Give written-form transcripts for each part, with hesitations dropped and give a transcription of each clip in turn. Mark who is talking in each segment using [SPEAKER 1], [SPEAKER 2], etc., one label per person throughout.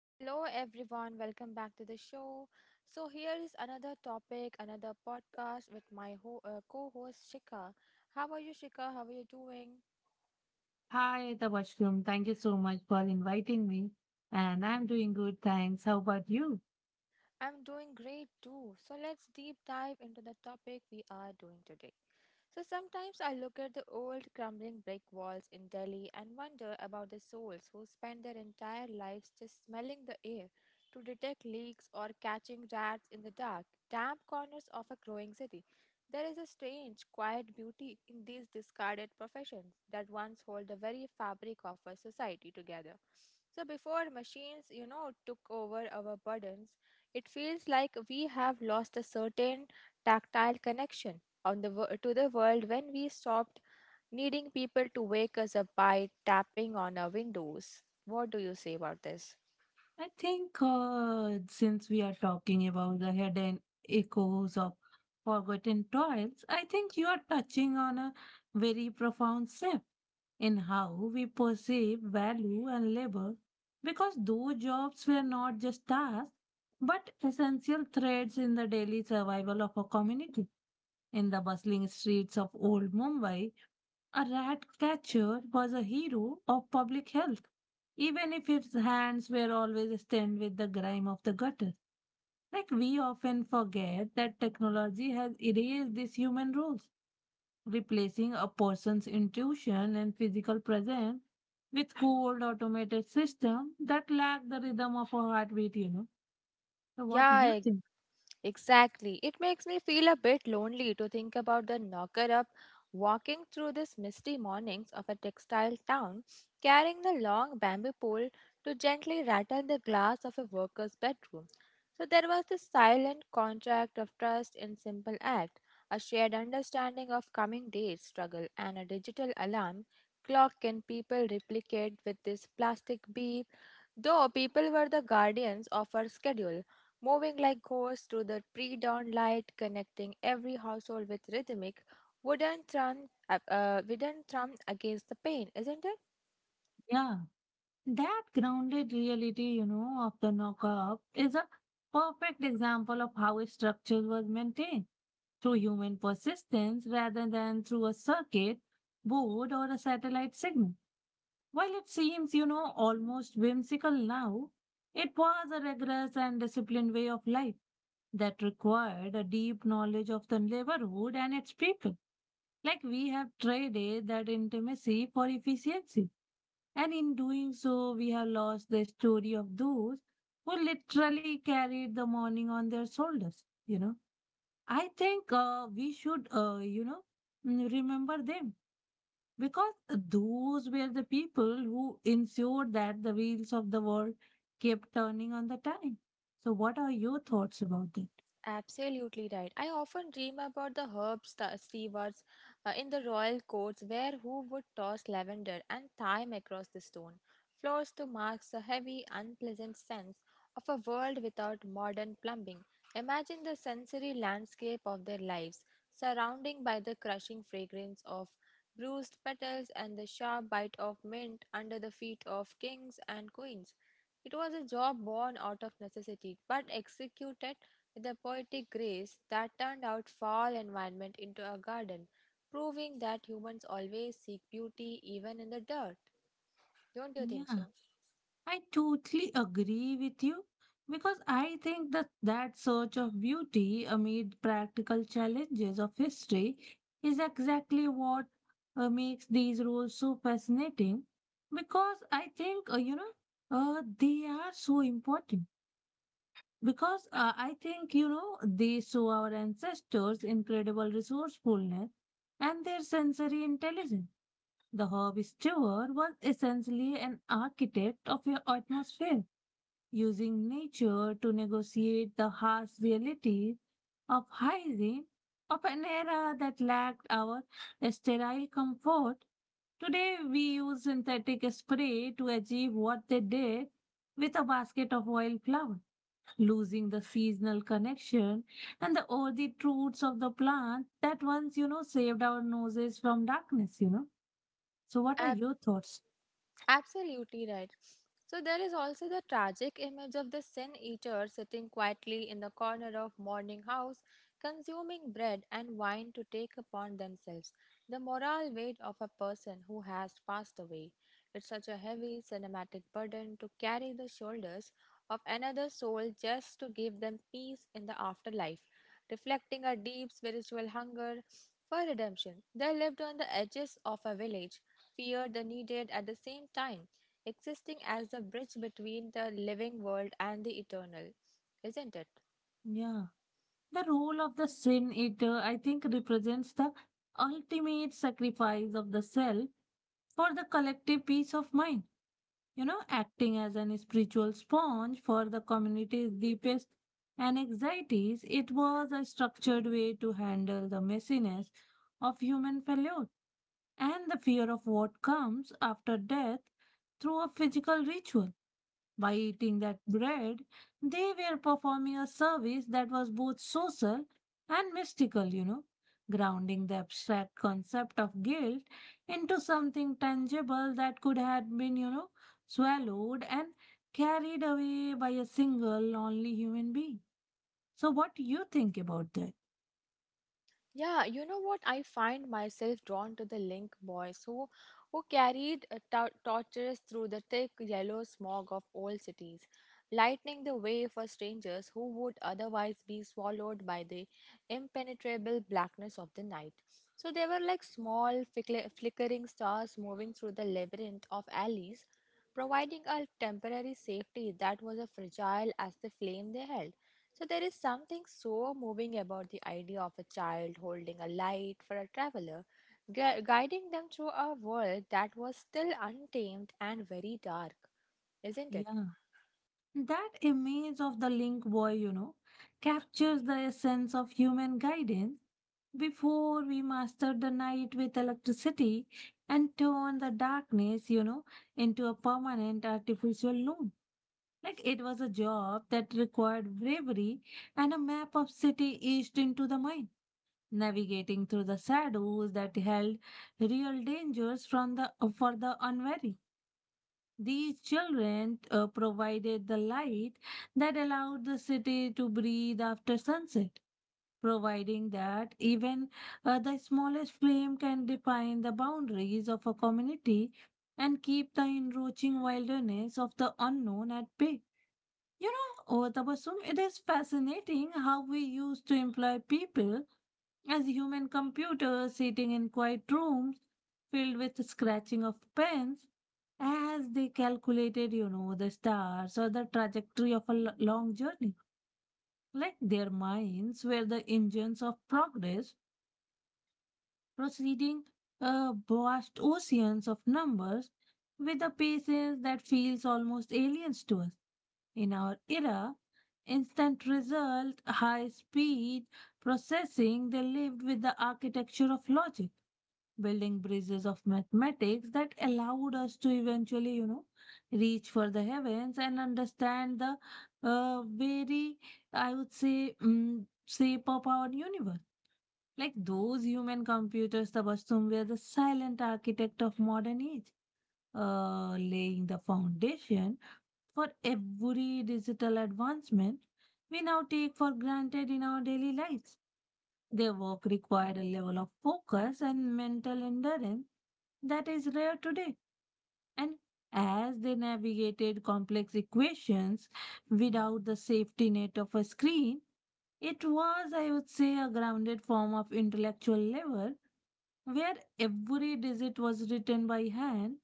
[SPEAKER 1] Hello, everyone. Welcome back to the show. So, here is another topic, another podcast with my co host Shika. How are you, Shika? How are you doing?
[SPEAKER 2] Hi, Tabashum. Thank you so much for inviting me. And I'm doing good, thanks. How about you?
[SPEAKER 1] I'm doing great too. So let's deep dive into the topic we are doing today. So sometimes I look at the old crumbling brick walls in Delhi and wonder about the souls who spend their entire lives just smelling the air to detect leaks or catching rats in the dark, damp corners of a growing city. There is a strange, quiet beauty in these discarded professions that once hold the very fabric of our society together. So before machines, took over our burdens, it feels like we have lost a certain tactile connection on the to the world when we stopped needing people to wake us up by tapping on our windows. What do you say about this?
[SPEAKER 2] I think since we are talking about the hidden echoes of forgotten toils, I think you are touching on a very profound shift in how we perceive value and labor because those jobs were not just tasks but essential threads in the daily survival of a community. In the bustling streets of old Mumbai, a rat catcher was a hero of public health, even if his hands were always stained with the grime of the gutter. Like we often forget that technology has erased these human roles, replacing a person's intuition and physical presence with cold automated system that lack the rhythm of a heartbeat, you know. So what do you
[SPEAKER 1] Yeah,
[SPEAKER 2] think?
[SPEAKER 1] exactly. It makes me feel a bit lonely to think about the knocker up walking through these misty mornings of a textile town, carrying the long bamboo pole to gently rattle the glass of a worker's bedroom. So there was this silent contract of trust in simple act, a shared understanding of coming day's struggle, and a digital alarm clock can people replicate with this plastic beep? Though people were the guardians of our schedule, moving like ghosts through the pre dawn light, connecting every household with rhythmic wooden thrum against the pane, isn't it?
[SPEAKER 2] Yeah. That grounded reality, you know, of the knockup is a perfect example of how a structure was maintained through human persistence rather than through a circuit board or a satellite signal. While it seems, you know, almost whimsical now, it was a rigorous and disciplined way of life that required a deep knowledge of the neighborhood and its people. Like we have traded that intimacy for efficiency and in doing so, we have lost the story of those who literally carried the morning on their shoulders. You know, I think we should, remember them because those were the people who ensured that the wheels of the world kept turning on the time. So, what are your thoughts about that?
[SPEAKER 1] Absolutely right. I often dream about the stewards in the royal courts where who would toss lavender and thyme across the stone floors to mark the heavy, unpleasant sense of a world without modern plumbing. Imagine the sensory landscape of their lives, surrounding by the crushing fragrance of bruised petals and the sharp bite of mint under the feet of kings and queens. It was a job born out of necessity, but executed with a poetic grace that turned out foul environment into a garden, proving that humans always seek beauty even in the dirt. Don't you think
[SPEAKER 2] Yeah.
[SPEAKER 1] so?
[SPEAKER 2] I totally agree with you because I think that search of beauty amid practical challenges of history is exactly what makes these roles so fascinating because I think they are so important because I think you know they show our ancestors incredible resourcefulness and their sensory intelligence. The Herb Stewart was essentially an architect of your atmosphere using nature to negotiate the harsh realities of hygiene of an era that lacked our sterile comfort. Today, we use synthetic spray to achieve what they did with a basket of wildflower, losing the seasonal connection and the earthy roots of the plant that once, you know, saved our noses from darkness, you know. So, what are your thoughts?
[SPEAKER 1] Absolutely right. So there is also the tragic image of the sin eater sitting quietly in the corner of morning house, consuming bread and wine to take upon themselves the moral weight of a person who has passed away. It's such a heavy cinematic burden to carry the shoulders of another soul just to give them peace in the afterlife, reflecting a deep spiritual hunger for redemption. They lived on the edges of a village fear the needed at the same time, existing as the bridge between the living world and the eternal, isn't it?
[SPEAKER 2] Yeah. The role of the sin eater, I think, represents the ultimate sacrifice of the self for the collective peace of mind, you know, acting as an spiritual sponge for the community's deepest and anxieties. It was a structured way to handle the messiness of human failure and the fear of what comes after death through a physical ritual. By eating that bread, they were performing a service that was both social and mystical, you know, grounding the abstract concept of guilt into something tangible that could have been, you know, swallowed and carried away by a single lonely human being. So, what do you think about that?
[SPEAKER 1] Yeah, you know what? I find myself drawn to the Link boys who carried torches through the thick yellow smog of old cities, lightening the way for strangers who would otherwise be swallowed by the impenetrable blackness of the night. So they were like small, flickering stars moving through the labyrinth of alleys, providing a temporary safety that was as fragile as the flame they held. So there is something so moving about the idea of a child holding a light for a traveler, guiding them through a world that was still untamed and very dark, isn't it?
[SPEAKER 2] Yeah. That image of the link boy, you know, captures the essence of human guidance. Before we mastered the night with electricity and turned the darkness, you know, into a permanent artificial loom. Like it was a job that required bravery and a map of city east into the mind, navigating through the shadows that held real dangers from the for the unwary. These children provided the light that allowed the city to breathe after sunset, providing that even the smallest flame can define the boundaries of a community and keep the encroaching wilderness of the unknown at bay. You know, oh, Tabassum, it is fascinating how we used to employ people as human computers sitting in quiet rooms filled with scratching of pens as they calculated, you know, the stars or the trajectory of a long journey. Like their minds were the engines of progress, proceeding vast oceans of numbers with a patience that feels almost alien to us. In our era, instant result, high speed, processing, they lived with the architecture of logic building bridges of mathematics that allowed us to eventually, you know, reach for the heavens and understand the very, I would say, shape of our universe. Like those human computers, Tabassum, were the silent architect of modern age, laying the foundation for every digital advancement we now take for granted in our daily lives. Their work required a level of focus and mental endurance that is rare today. And as they navigated complex equations without the safety net of a screen, it was, I would say, a grounded form of intellectual level where every digit was written by hand,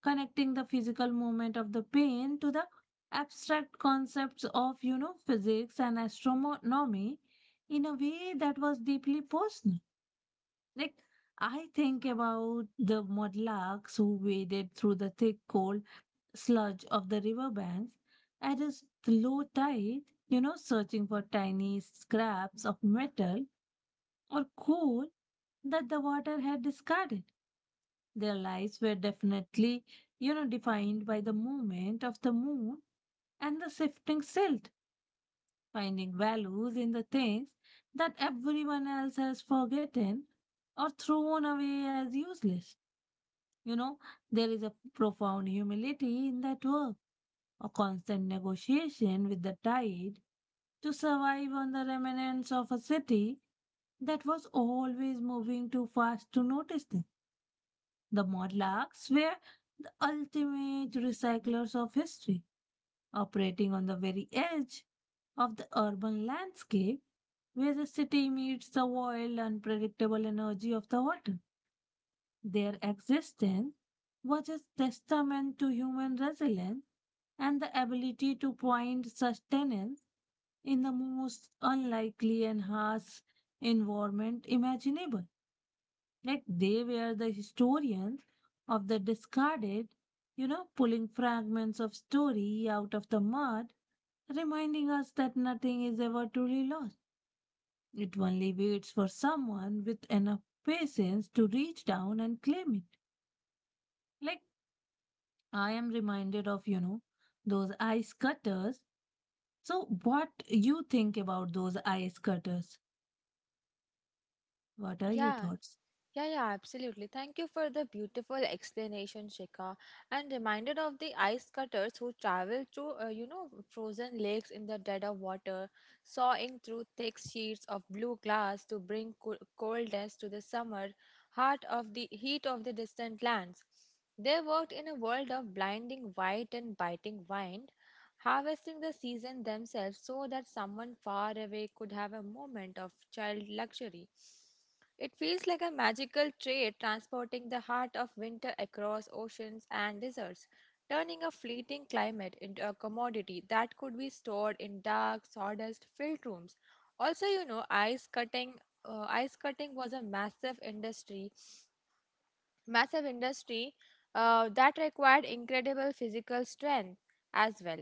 [SPEAKER 2] connecting the physical movement of the pen to the abstract concepts of, you know, physics and astronomy in a way that was deeply personal. Like, I think about the mudlarks who waded through the thick, cold sludge of the riverbanks at a low tide, you know, searching for tiny scraps of metal or coal that the water had discarded. Their lives were definitely, you know, defined by the movement of the moon and the shifting silt, finding values in the things that everyone else has forgotten or thrown away as useless. You know, there is a profound humility in that work, a constant negotiation with the tide to survive on the remnants of a city that was always moving too fast to notice them. The Morlocks were the ultimate recyclers of history, operating on the very edge of the urban landscape where the city meets the wild, unpredictable energy of the water. Their existence was a testament to human resilience and the ability to find sustenance in the most unlikely and harsh environment imaginable. Like they were the historians of the discarded, you know, pulling fragments of story out of the mud, reminding us that nothing is ever truly lost. It only waits for someone with enough patience to reach down and claim it. Like I am reminded of, you know, those ice cutters. So what you think about those ice cutters? What are your
[SPEAKER 1] Yeah,
[SPEAKER 2] thoughts?
[SPEAKER 1] Yeah, yeah, absolutely. Thank you for the beautiful explanation, Shikha. And reminded of the ice cutters who traveled through, frozen lakes in the dead of water, sawing through thick sheets of blue glass to bring coldness to the summer heart of the heat of the distant lands. They worked in a world of blinding white and biting wind, harvesting the season themselves so that someone far away could have a moment of child luxury. It feels like a magical trade transporting the heart of winter across oceans and deserts, turning a fleeting climate into a commodity that could be stored in dark, sawdust filled rooms. Also, you know, ice cutting. Ice cutting was a massive industry that required incredible physical strength as well.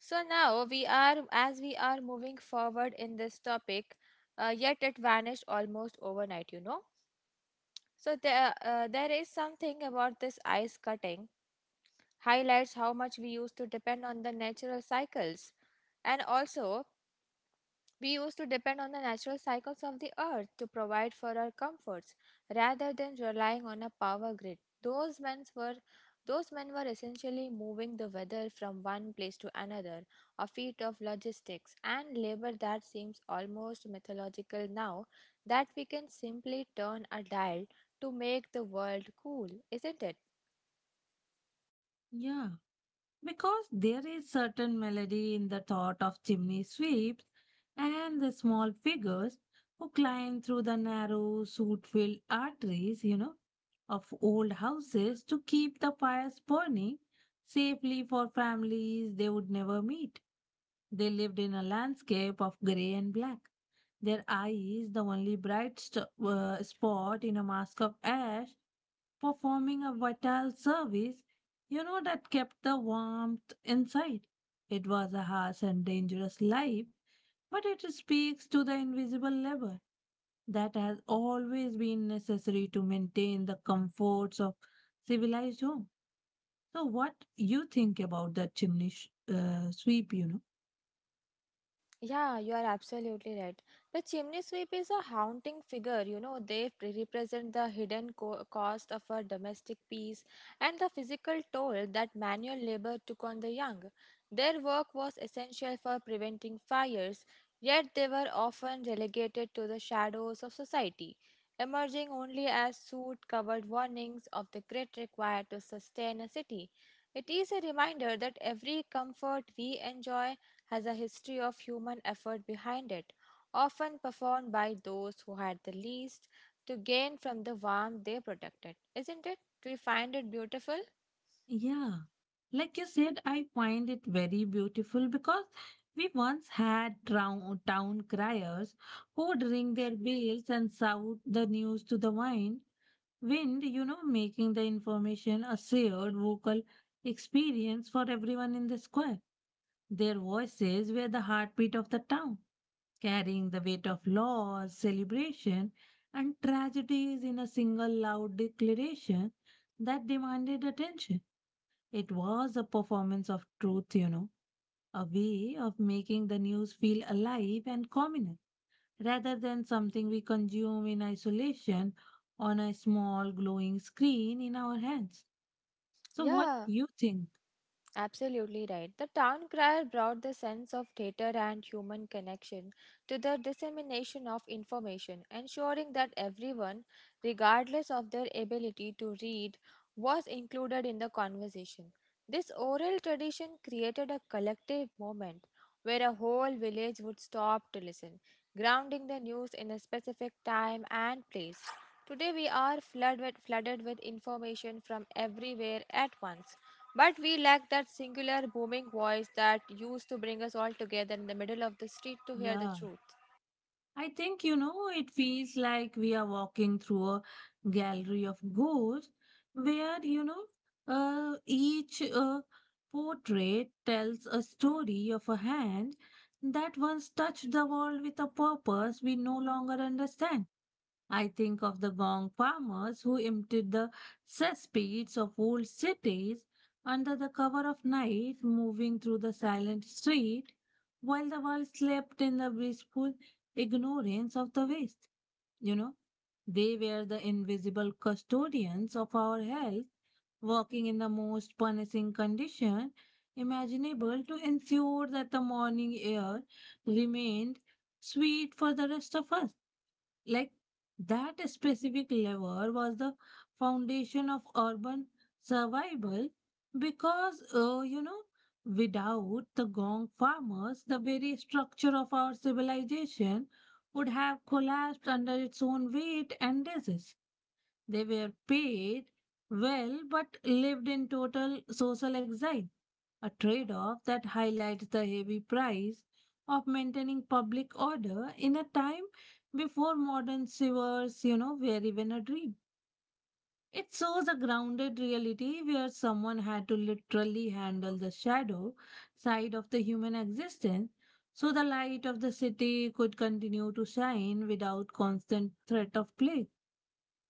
[SPEAKER 1] So now we are, as we are moving forward in this topic, yet it vanished almost overnight. You know. So there is something about this ice cutting highlights how much we used to depend on the natural cycles. And also, we used to depend on the natural cycles of the earth to provide for our comforts rather than relying on a power grid. Those men were those men were essentially moving the weather from one place to another, a feat of logistics and labor that seems almost mythological now that we can simply turn a dial to make the world cool, isn't it?
[SPEAKER 2] Yeah. Because there is certain melody in the thought of chimney sweeps and the small figures who climb through the narrow, soot-filled arteries, you know, of old houses to keep the fires burning safely for families they would never meet. They lived in a landscape of grey and black. Their eyes, the only bright spot in a mask of ash, performing a vital service, you know, that kept the warmth inside. It was a harsh and dangerous life, but it speaks to the invisible labor that has always been necessary to maintain the comforts of civilized home. So, what you think about the chimney sweep? You know.
[SPEAKER 1] Yeah, you are absolutely right. The chimney sweep is a haunting figure. You know, they represent the hidden cost of our domestic peace and the physical toll that manual labor took on the young. Their work was essential for preventing fires, yet they were often relegated to the shadows of society, emerging only as soot covered warnings of the grit required to sustain a city. It is a reminder that every comfort we enjoy has a history of human effort behind it, often performed by those who had the least to gain from the warmth they protected. Isn't it? Do you find it beautiful?
[SPEAKER 2] Yeah, like you said, I find it very beautiful because we once had town criers who ring their bells and shout the news to the wind, you know, making the information a shared vocal experience for everyone in the square. Their voices were the heartbeat of the town, carrying the weight of laws, celebration, and tragedies in a single loud declaration that demanded attention. It was a performance of truth, you know, a way of making the news feel alive and communal rather than something we consume in isolation on a small glowing screen in our hands. So, what
[SPEAKER 1] Yeah.
[SPEAKER 2] do you think?
[SPEAKER 1] Absolutely right. The town crier brought the sense of theater and human connection to the dissemination of information, ensuring that everyone, regardless of their ability to read, was included in the conversation. This oral tradition created a collective moment where a whole village would stop to listen, grounding the news in a specific time and place. Today we are flooded with information from everywhere at once, but we lack that singular booming voice that used to bring us all together in the middle of the street to hear the
[SPEAKER 2] Yeah.
[SPEAKER 1] truth.
[SPEAKER 2] I think, you know, it feels like we are walking through a gallery of ghosts where, you know, each portrait tells a story of a hand that once touched the world with a purpose we no longer understand. I think of the Gong farmers who emptied the cesspits of old cities under the cover of night, moving through the silent street while the world slept in the blissful ignorance of the West. You know, they were the invisible custodians of our health, working in the most punishing condition imaginable to ensure that the morning air remained sweet for the rest of us like that specific lever was the foundation of urban survival because you know without the gong farmers the very structure of our civilization would have collapsed under its own weight and disease they were paid well but lived in total social exile a trade off that highlights the heavy price of maintaining public order in a time before modern sewers, you know, were even a dream. It shows a grounded reality where someone had to literally handle the shadow side of the human existence so the light of the city could continue to shine without constant threat of plague.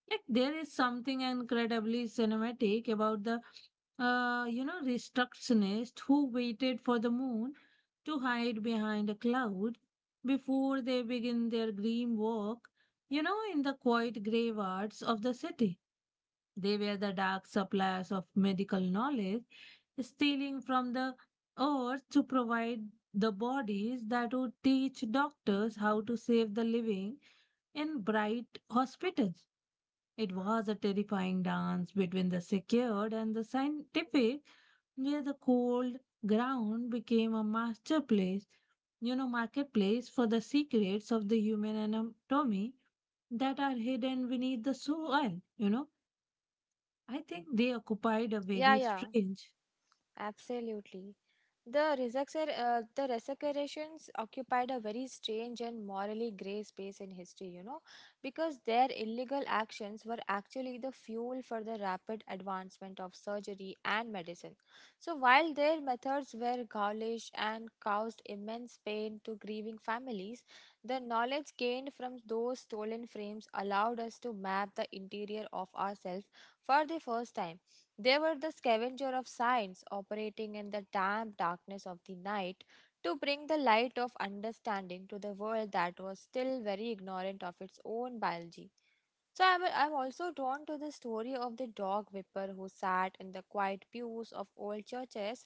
[SPEAKER 2] Like there is something incredibly cinematic about the you know restructionist who waited for the moon to hide behind a cloud before they begin their grim walk. You know, in the quiet graveyards of the city, they were the dark suppliers of medical knowledge, stealing from the earth to provide the bodies that would teach doctors how to save the living in bright hospitals. It was a terrifying dance between the secured and the scientific, where the cold ground became a masterpiece, marketplace for the secrets of the human anatomy that are hidden beneath the soil. I think they occupied a
[SPEAKER 1] Yeah,
[SPEAKER 2] very
[SPEAKER 1] yeah.
[SPEAKER 2] strange.
[SPEAKER 1] Absolutely. The resurrections occupied a very strange and morally grey space in history, you know, because their illegal actions were actually the fuel for the rapid advancement of surgery and medicine. So, while their methods were gaulish and caused immense pain to grieving families, the knowledge gained from those stolen frames allowed us to map the interior of ourselves for the first time they were the scavenger of science, operating in the damp darkness of the night to bring the light of understanding to the world that was still very ignorant of its own biology. So I'm also drawn to the story of the dog whipper who sat in the quiet pews of old churches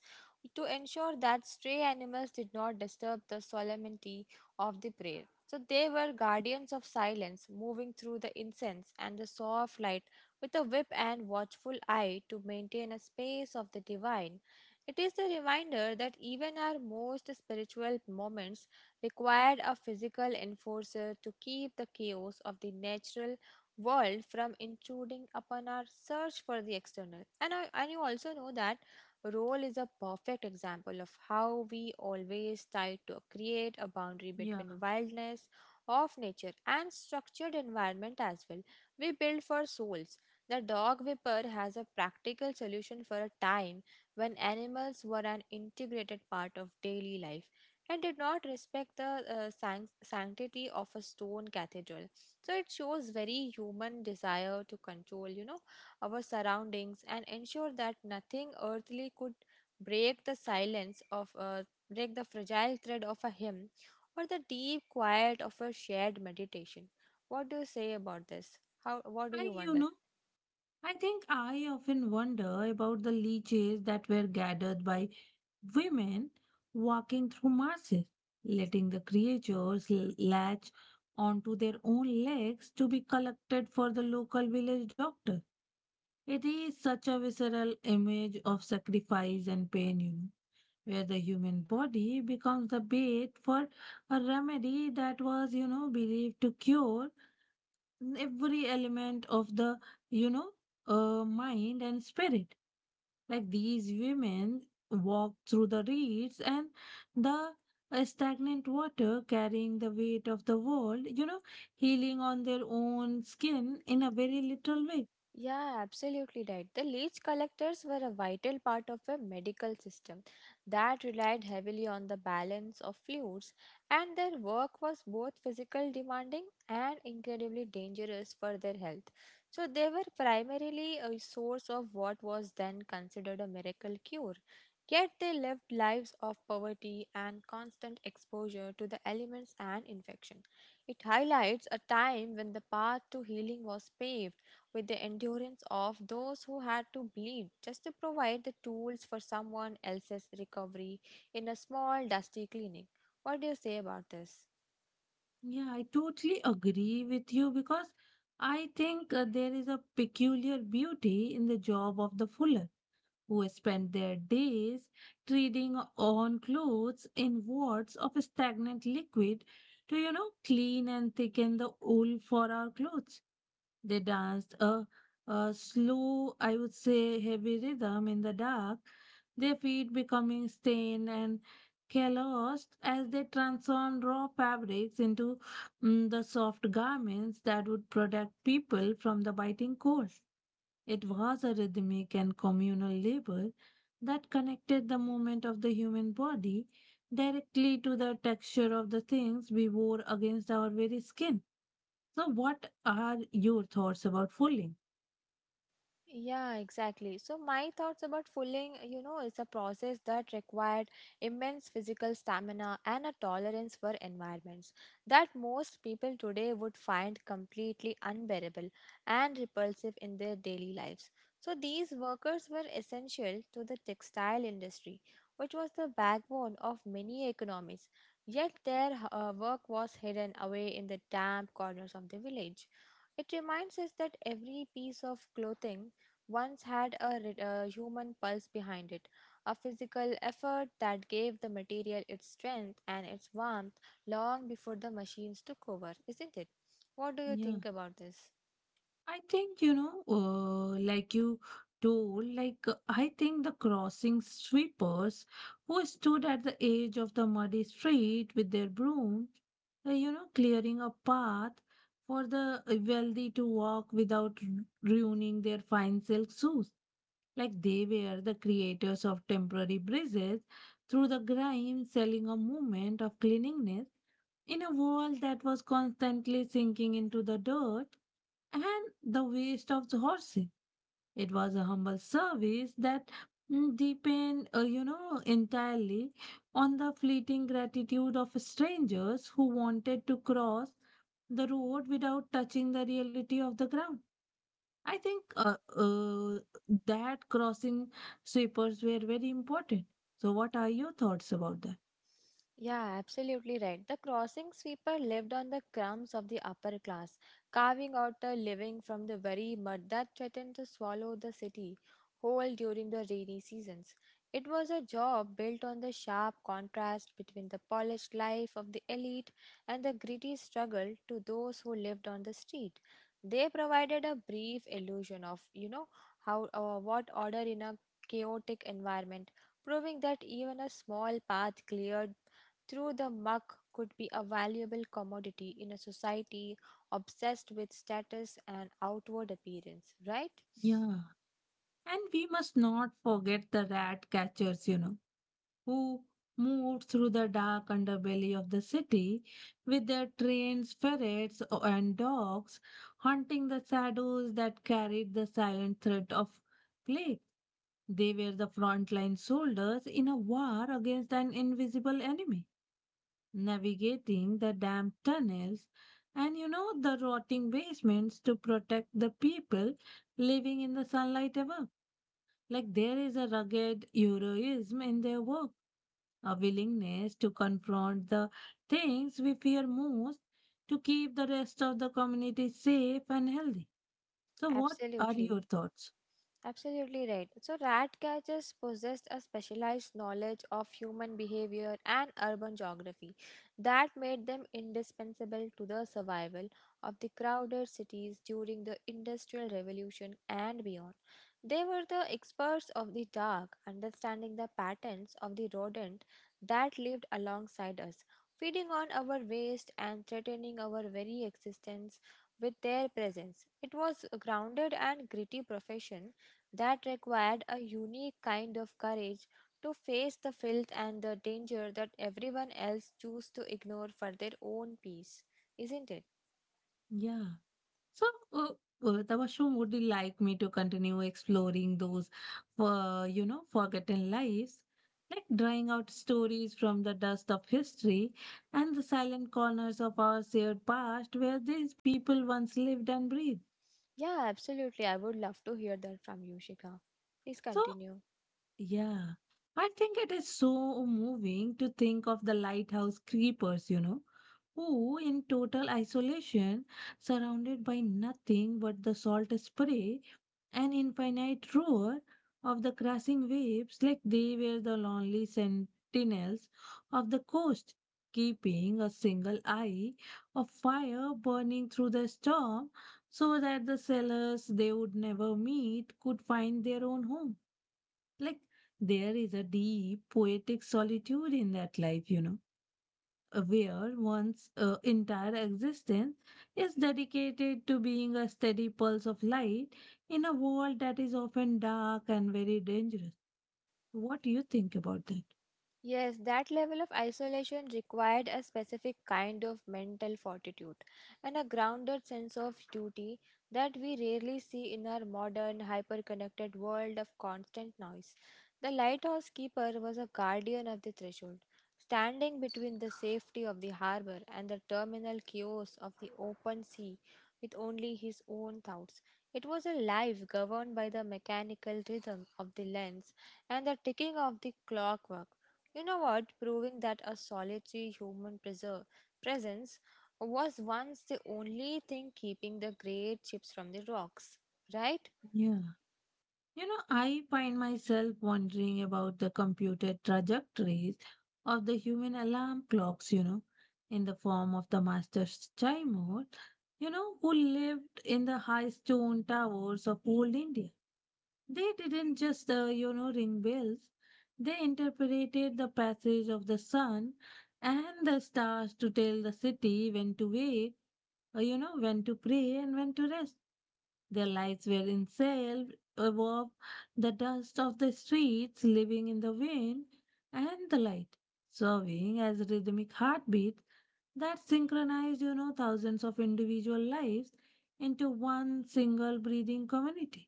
[SPEAKER 1] to ensure that stray animals did not disturb the solemnity of the prayer. So they were guardians of silence, moving through the incense and the soft light with a whip and watchful eye to maintain a space of the divine. It is the reminder that even our most spiritual moments required a physical enforcer to keep the chaos of the natural world from intruding upon our search for the external. And you also know that role is a perfect example of how we always try to create a boundary
[SPEAKER 2] Yeah.
[SPEAKER 1] between wildness of nature and structured environment as well. We build for souls. The dog whipper has a practical solution for a time when animals were an integrated part of daily life and did not respect the sanctity of a stone cathedral so it shows very human desire to control, you know, our surroundings and ensure that nothing earthly could break the silence of a break the fragile thread of a hymn or the deep quiet of a shared meditation. What do you say about this? How what do
[SPEAKER 2] I,
[SPEAKER 1] you
[SPEAKER 2] you
[SPEAKER 1] wonder?
[SPEAKER 2] know, I think I often wonder about the leeches that were gathered by women walking through marshes, letting the creatures latch onto their own legs to be collected for the local village doctor. It is such a visceral image of sacrifice and pain, where the human body becomes the bait for a remedy that was believed to cure every element of the you know mind and spirit. Like these women walk through the reeds and the stagnant water, carrying the weight of the world, healing on their own skin in a very little way.
[SPEAKER 1] Yeah, absolutely right. The leech collectors were a vital part of a medical system that relied heavily on the balance of fluids, and their work was both physical demanding and incredibly dangerous for their health. So, they were primarily a source of what was then considered a miracle cure. Yet, they lived lives of poverty and constant exposure to the elements and infection. It highlights a time when the path to healing was paved with the endurance of those who had to bleed just to provide the tools for someone else's recovery in a small, dusty clinic. What do you say about this?
[SPEAKER 2] Yeah, I totally agree with you because I think there is a peculiar beauty in the job of the fuller who spend their days treading on clothes in wards of stagnant liquid to clean and thicken the wool for our clothes. They danced a slow, I would say, heavy rhythm in the dark, their feet becoming stained and calloused as they transformed raw fabrics into the soft garments that would protect people from the biting cold. It was a rhythmic and communal labor that connected the movement of the human body directly to the texture of the things we wore against our very skin. So, what are your thoughts about fooling?
[SPEAKER 1] Yeah, exactly. So my thoughts about fooling you know, is a process that required immense physical stamina and a tolerance for environments that most people today would find completely unbearable and repulsive in their daily lives. So these workers were essential to the textile industry, which was the backbone of many economies. Yet their work was hidden away in the damp corners of the village it reminds us that every piece of clothing once had a human pulse behind it, a physical effort that gave the material its strength and its warmth long before the machines took over, isn't it? What do you
[SPEAKER 2] Yeah,
[SPEAKER 1] think about this?
[SPEAKER 2] I think, like you told, like I think the crossing sweepers who stood at the edge of the muddy street with their brooms, clearing a path for the wealthy to walk without ruining their fine silk shoes. Like they were the creators of temporary bridges through the grime, selling a moment of cleanliness in a world that was constantly sinking into the dirt and the waist of the horse. It was a humble service that entirely on the fleeting gratitude of strangers who wanted to cross the road without touching the reality of the ground. I think that crossing sweepers were very important. So, what are your thoughts about that?
[SPEAKER 1] Yeah, absolutely right. The crossing sweeper lived on the crumbs of the upper class, carving out a living from the very mud that threatened to swallow the city whole during the rainy seasons. It was a job built on the sharp contrast between the polished life of the elite and the gritty struggle to those who lived on the street. They provided a brief illusion of, you know, how what order in a chaotic environment, proving that even a small path cleared through the muck could be a valuable commodity in a society obsessed with status and outward appearance, right?
[SPEAKER 2] Yeah. And we must not forget the rat catchers, who moved through the dark underbelly of the city with their trains, ferrets, and dogs, hunting the shadows that carried the silent threat of plague. They were the frontline soldiers in a war against an invisible enemy, navigating the damp tunnels and the rotting basements to protect the people living in the sunlight above. Like there is a rugged heroism in their work, a willingness to confront the things we fear most to keep the rest of the community safe and healthy. So, what are your
[SPEAKER 1] Absolutely.
[SPEAKER 2] thoughts?
[SPEAKER 1] Absolutely right. So, rat catchers possessed a specialized knowledge of human behavior and urban geography that made them indispensable to the survival of the crowded cities during the Industrial Revolution and beyond. They were the experts of the dark, understanding the patterns of the rodent that lived alongside us, feeding on our waste and threatening our very existence with their presence. It was a grounded and gritty profession that required a unique kind of courage to face the filth and the danger that everyone else choose to ignore for their own peace, isn't it?
[SPEAKER 2] Yeah. So, uh, Tabasum, would you like me to continue exploring those, forgotten lives? Like drawing out stories from the dust of history and the silent corners of our shared past where these people once lived and breathed.
[SPEAKER 1] Yeah, absolutely. I would love to hear that from you, Shika. Please
[SPEAKER 2] So,
[SPEAKER 1] continue.
[SPEAKER 2] yeah, I think it is so moving to think of the lighthouse creepers, who in total isolation, surrounded by nothing but the salt spray and infinite roar of the crashing waves, like they were the lonely sentinels of the coast, keeping a single eye of fire burning through the storm so that the sailors they would never meet could find their own home. Like there is a deep poetic solitude in that life, where one's entire existence is dedicated to being a steady pulse of light in a world that is often dark and very dangerous. What do you think about that?
[SPEAKER 1] Yes, that level of isolation required a specific kind of mental fortitude and a grounded sense of duty that we rarely see in our modern, hyper connected world of constant noise. The lighthouse keeper was a guardian of the threshold, standing between the safety of the harbor and the terminal chaos of the open sea with only his own thoughts. It was a life governed by the mechanical rhythm of the lens and the ticking of the clockwork. You know what? Proving that a solitary human presence was once the only thing keeping the great chips from the rocks, right?
[SPEAKER 2] Yeah. I find myself wondering about the computed trajectories of the human alarm clocks, in the form of the master child, who lived in the high stone towers of old India. They didn't just ring bells. They interpreted the passage of the sun and the stars to tell the city when to wake, when to pray and when to rest. Their lives were ensailed above the dust of the streets, living in the wind and the light, serving as rhythmic heartbeats that synchronized, thousands of individual lives into one single breathing community.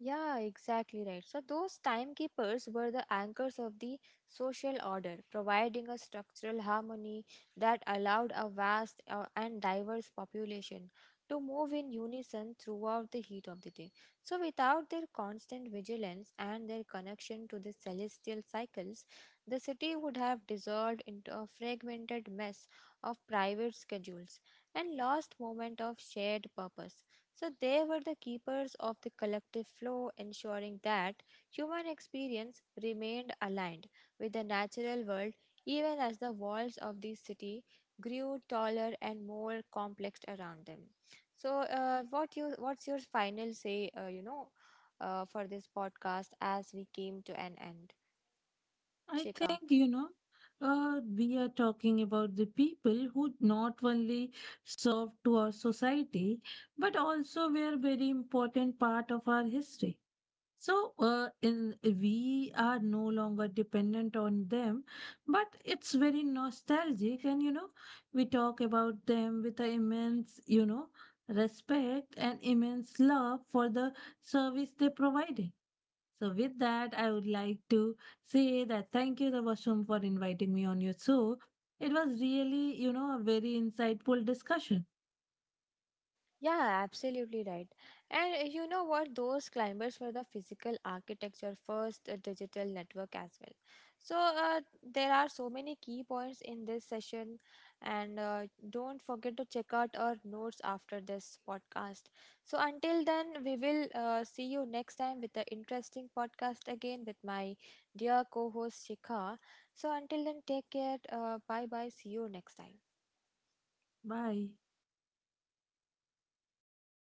[SPEAKER 1] Yeah, exactly right. So, those timekeepers were the anchors of the social order, providing a structural harmony that allowed a vast and diverse population to move in unison throughout the heat of the day. So, without their constant vigilance and their connection to the celestial cycles, the city would have dissolved into a fragmented mess of private schedules and lost moment of shared purpose. So they were the keepers of the collective flow, ensuring that human experience remained aligned with the natural world even as the walls of the city grew taller and more complex around them. So, what's your final say? For this podcast as we came to an end,
[SPEAKER 2] I
[SPEAKER 1] Chika.
[SPEAKER 2] think, we are talking about the people who not only served to our society, but also were very important part of our history. So, we are no longer dependent on them, but it's very nostalgic. And we talk about them with an immense, respect and immense love for the service they provided. So, with that, I would like to say that thank you, Tabasum, for inviting me on your show. It was really, a very insightful discussion.
[SPEAKER 1] Yeah, absolutely right. And you know what? Those climbers were the physical architecture first, digital network as well. So there are so many key points in this session, and don't forget to check out our notes after this podcast. So until then, we will see you next time with the interesting podcast again with my dear co-host Shikha. So until then, take care. Bye bye. See you next time.
[SPEAKER 2] Bye.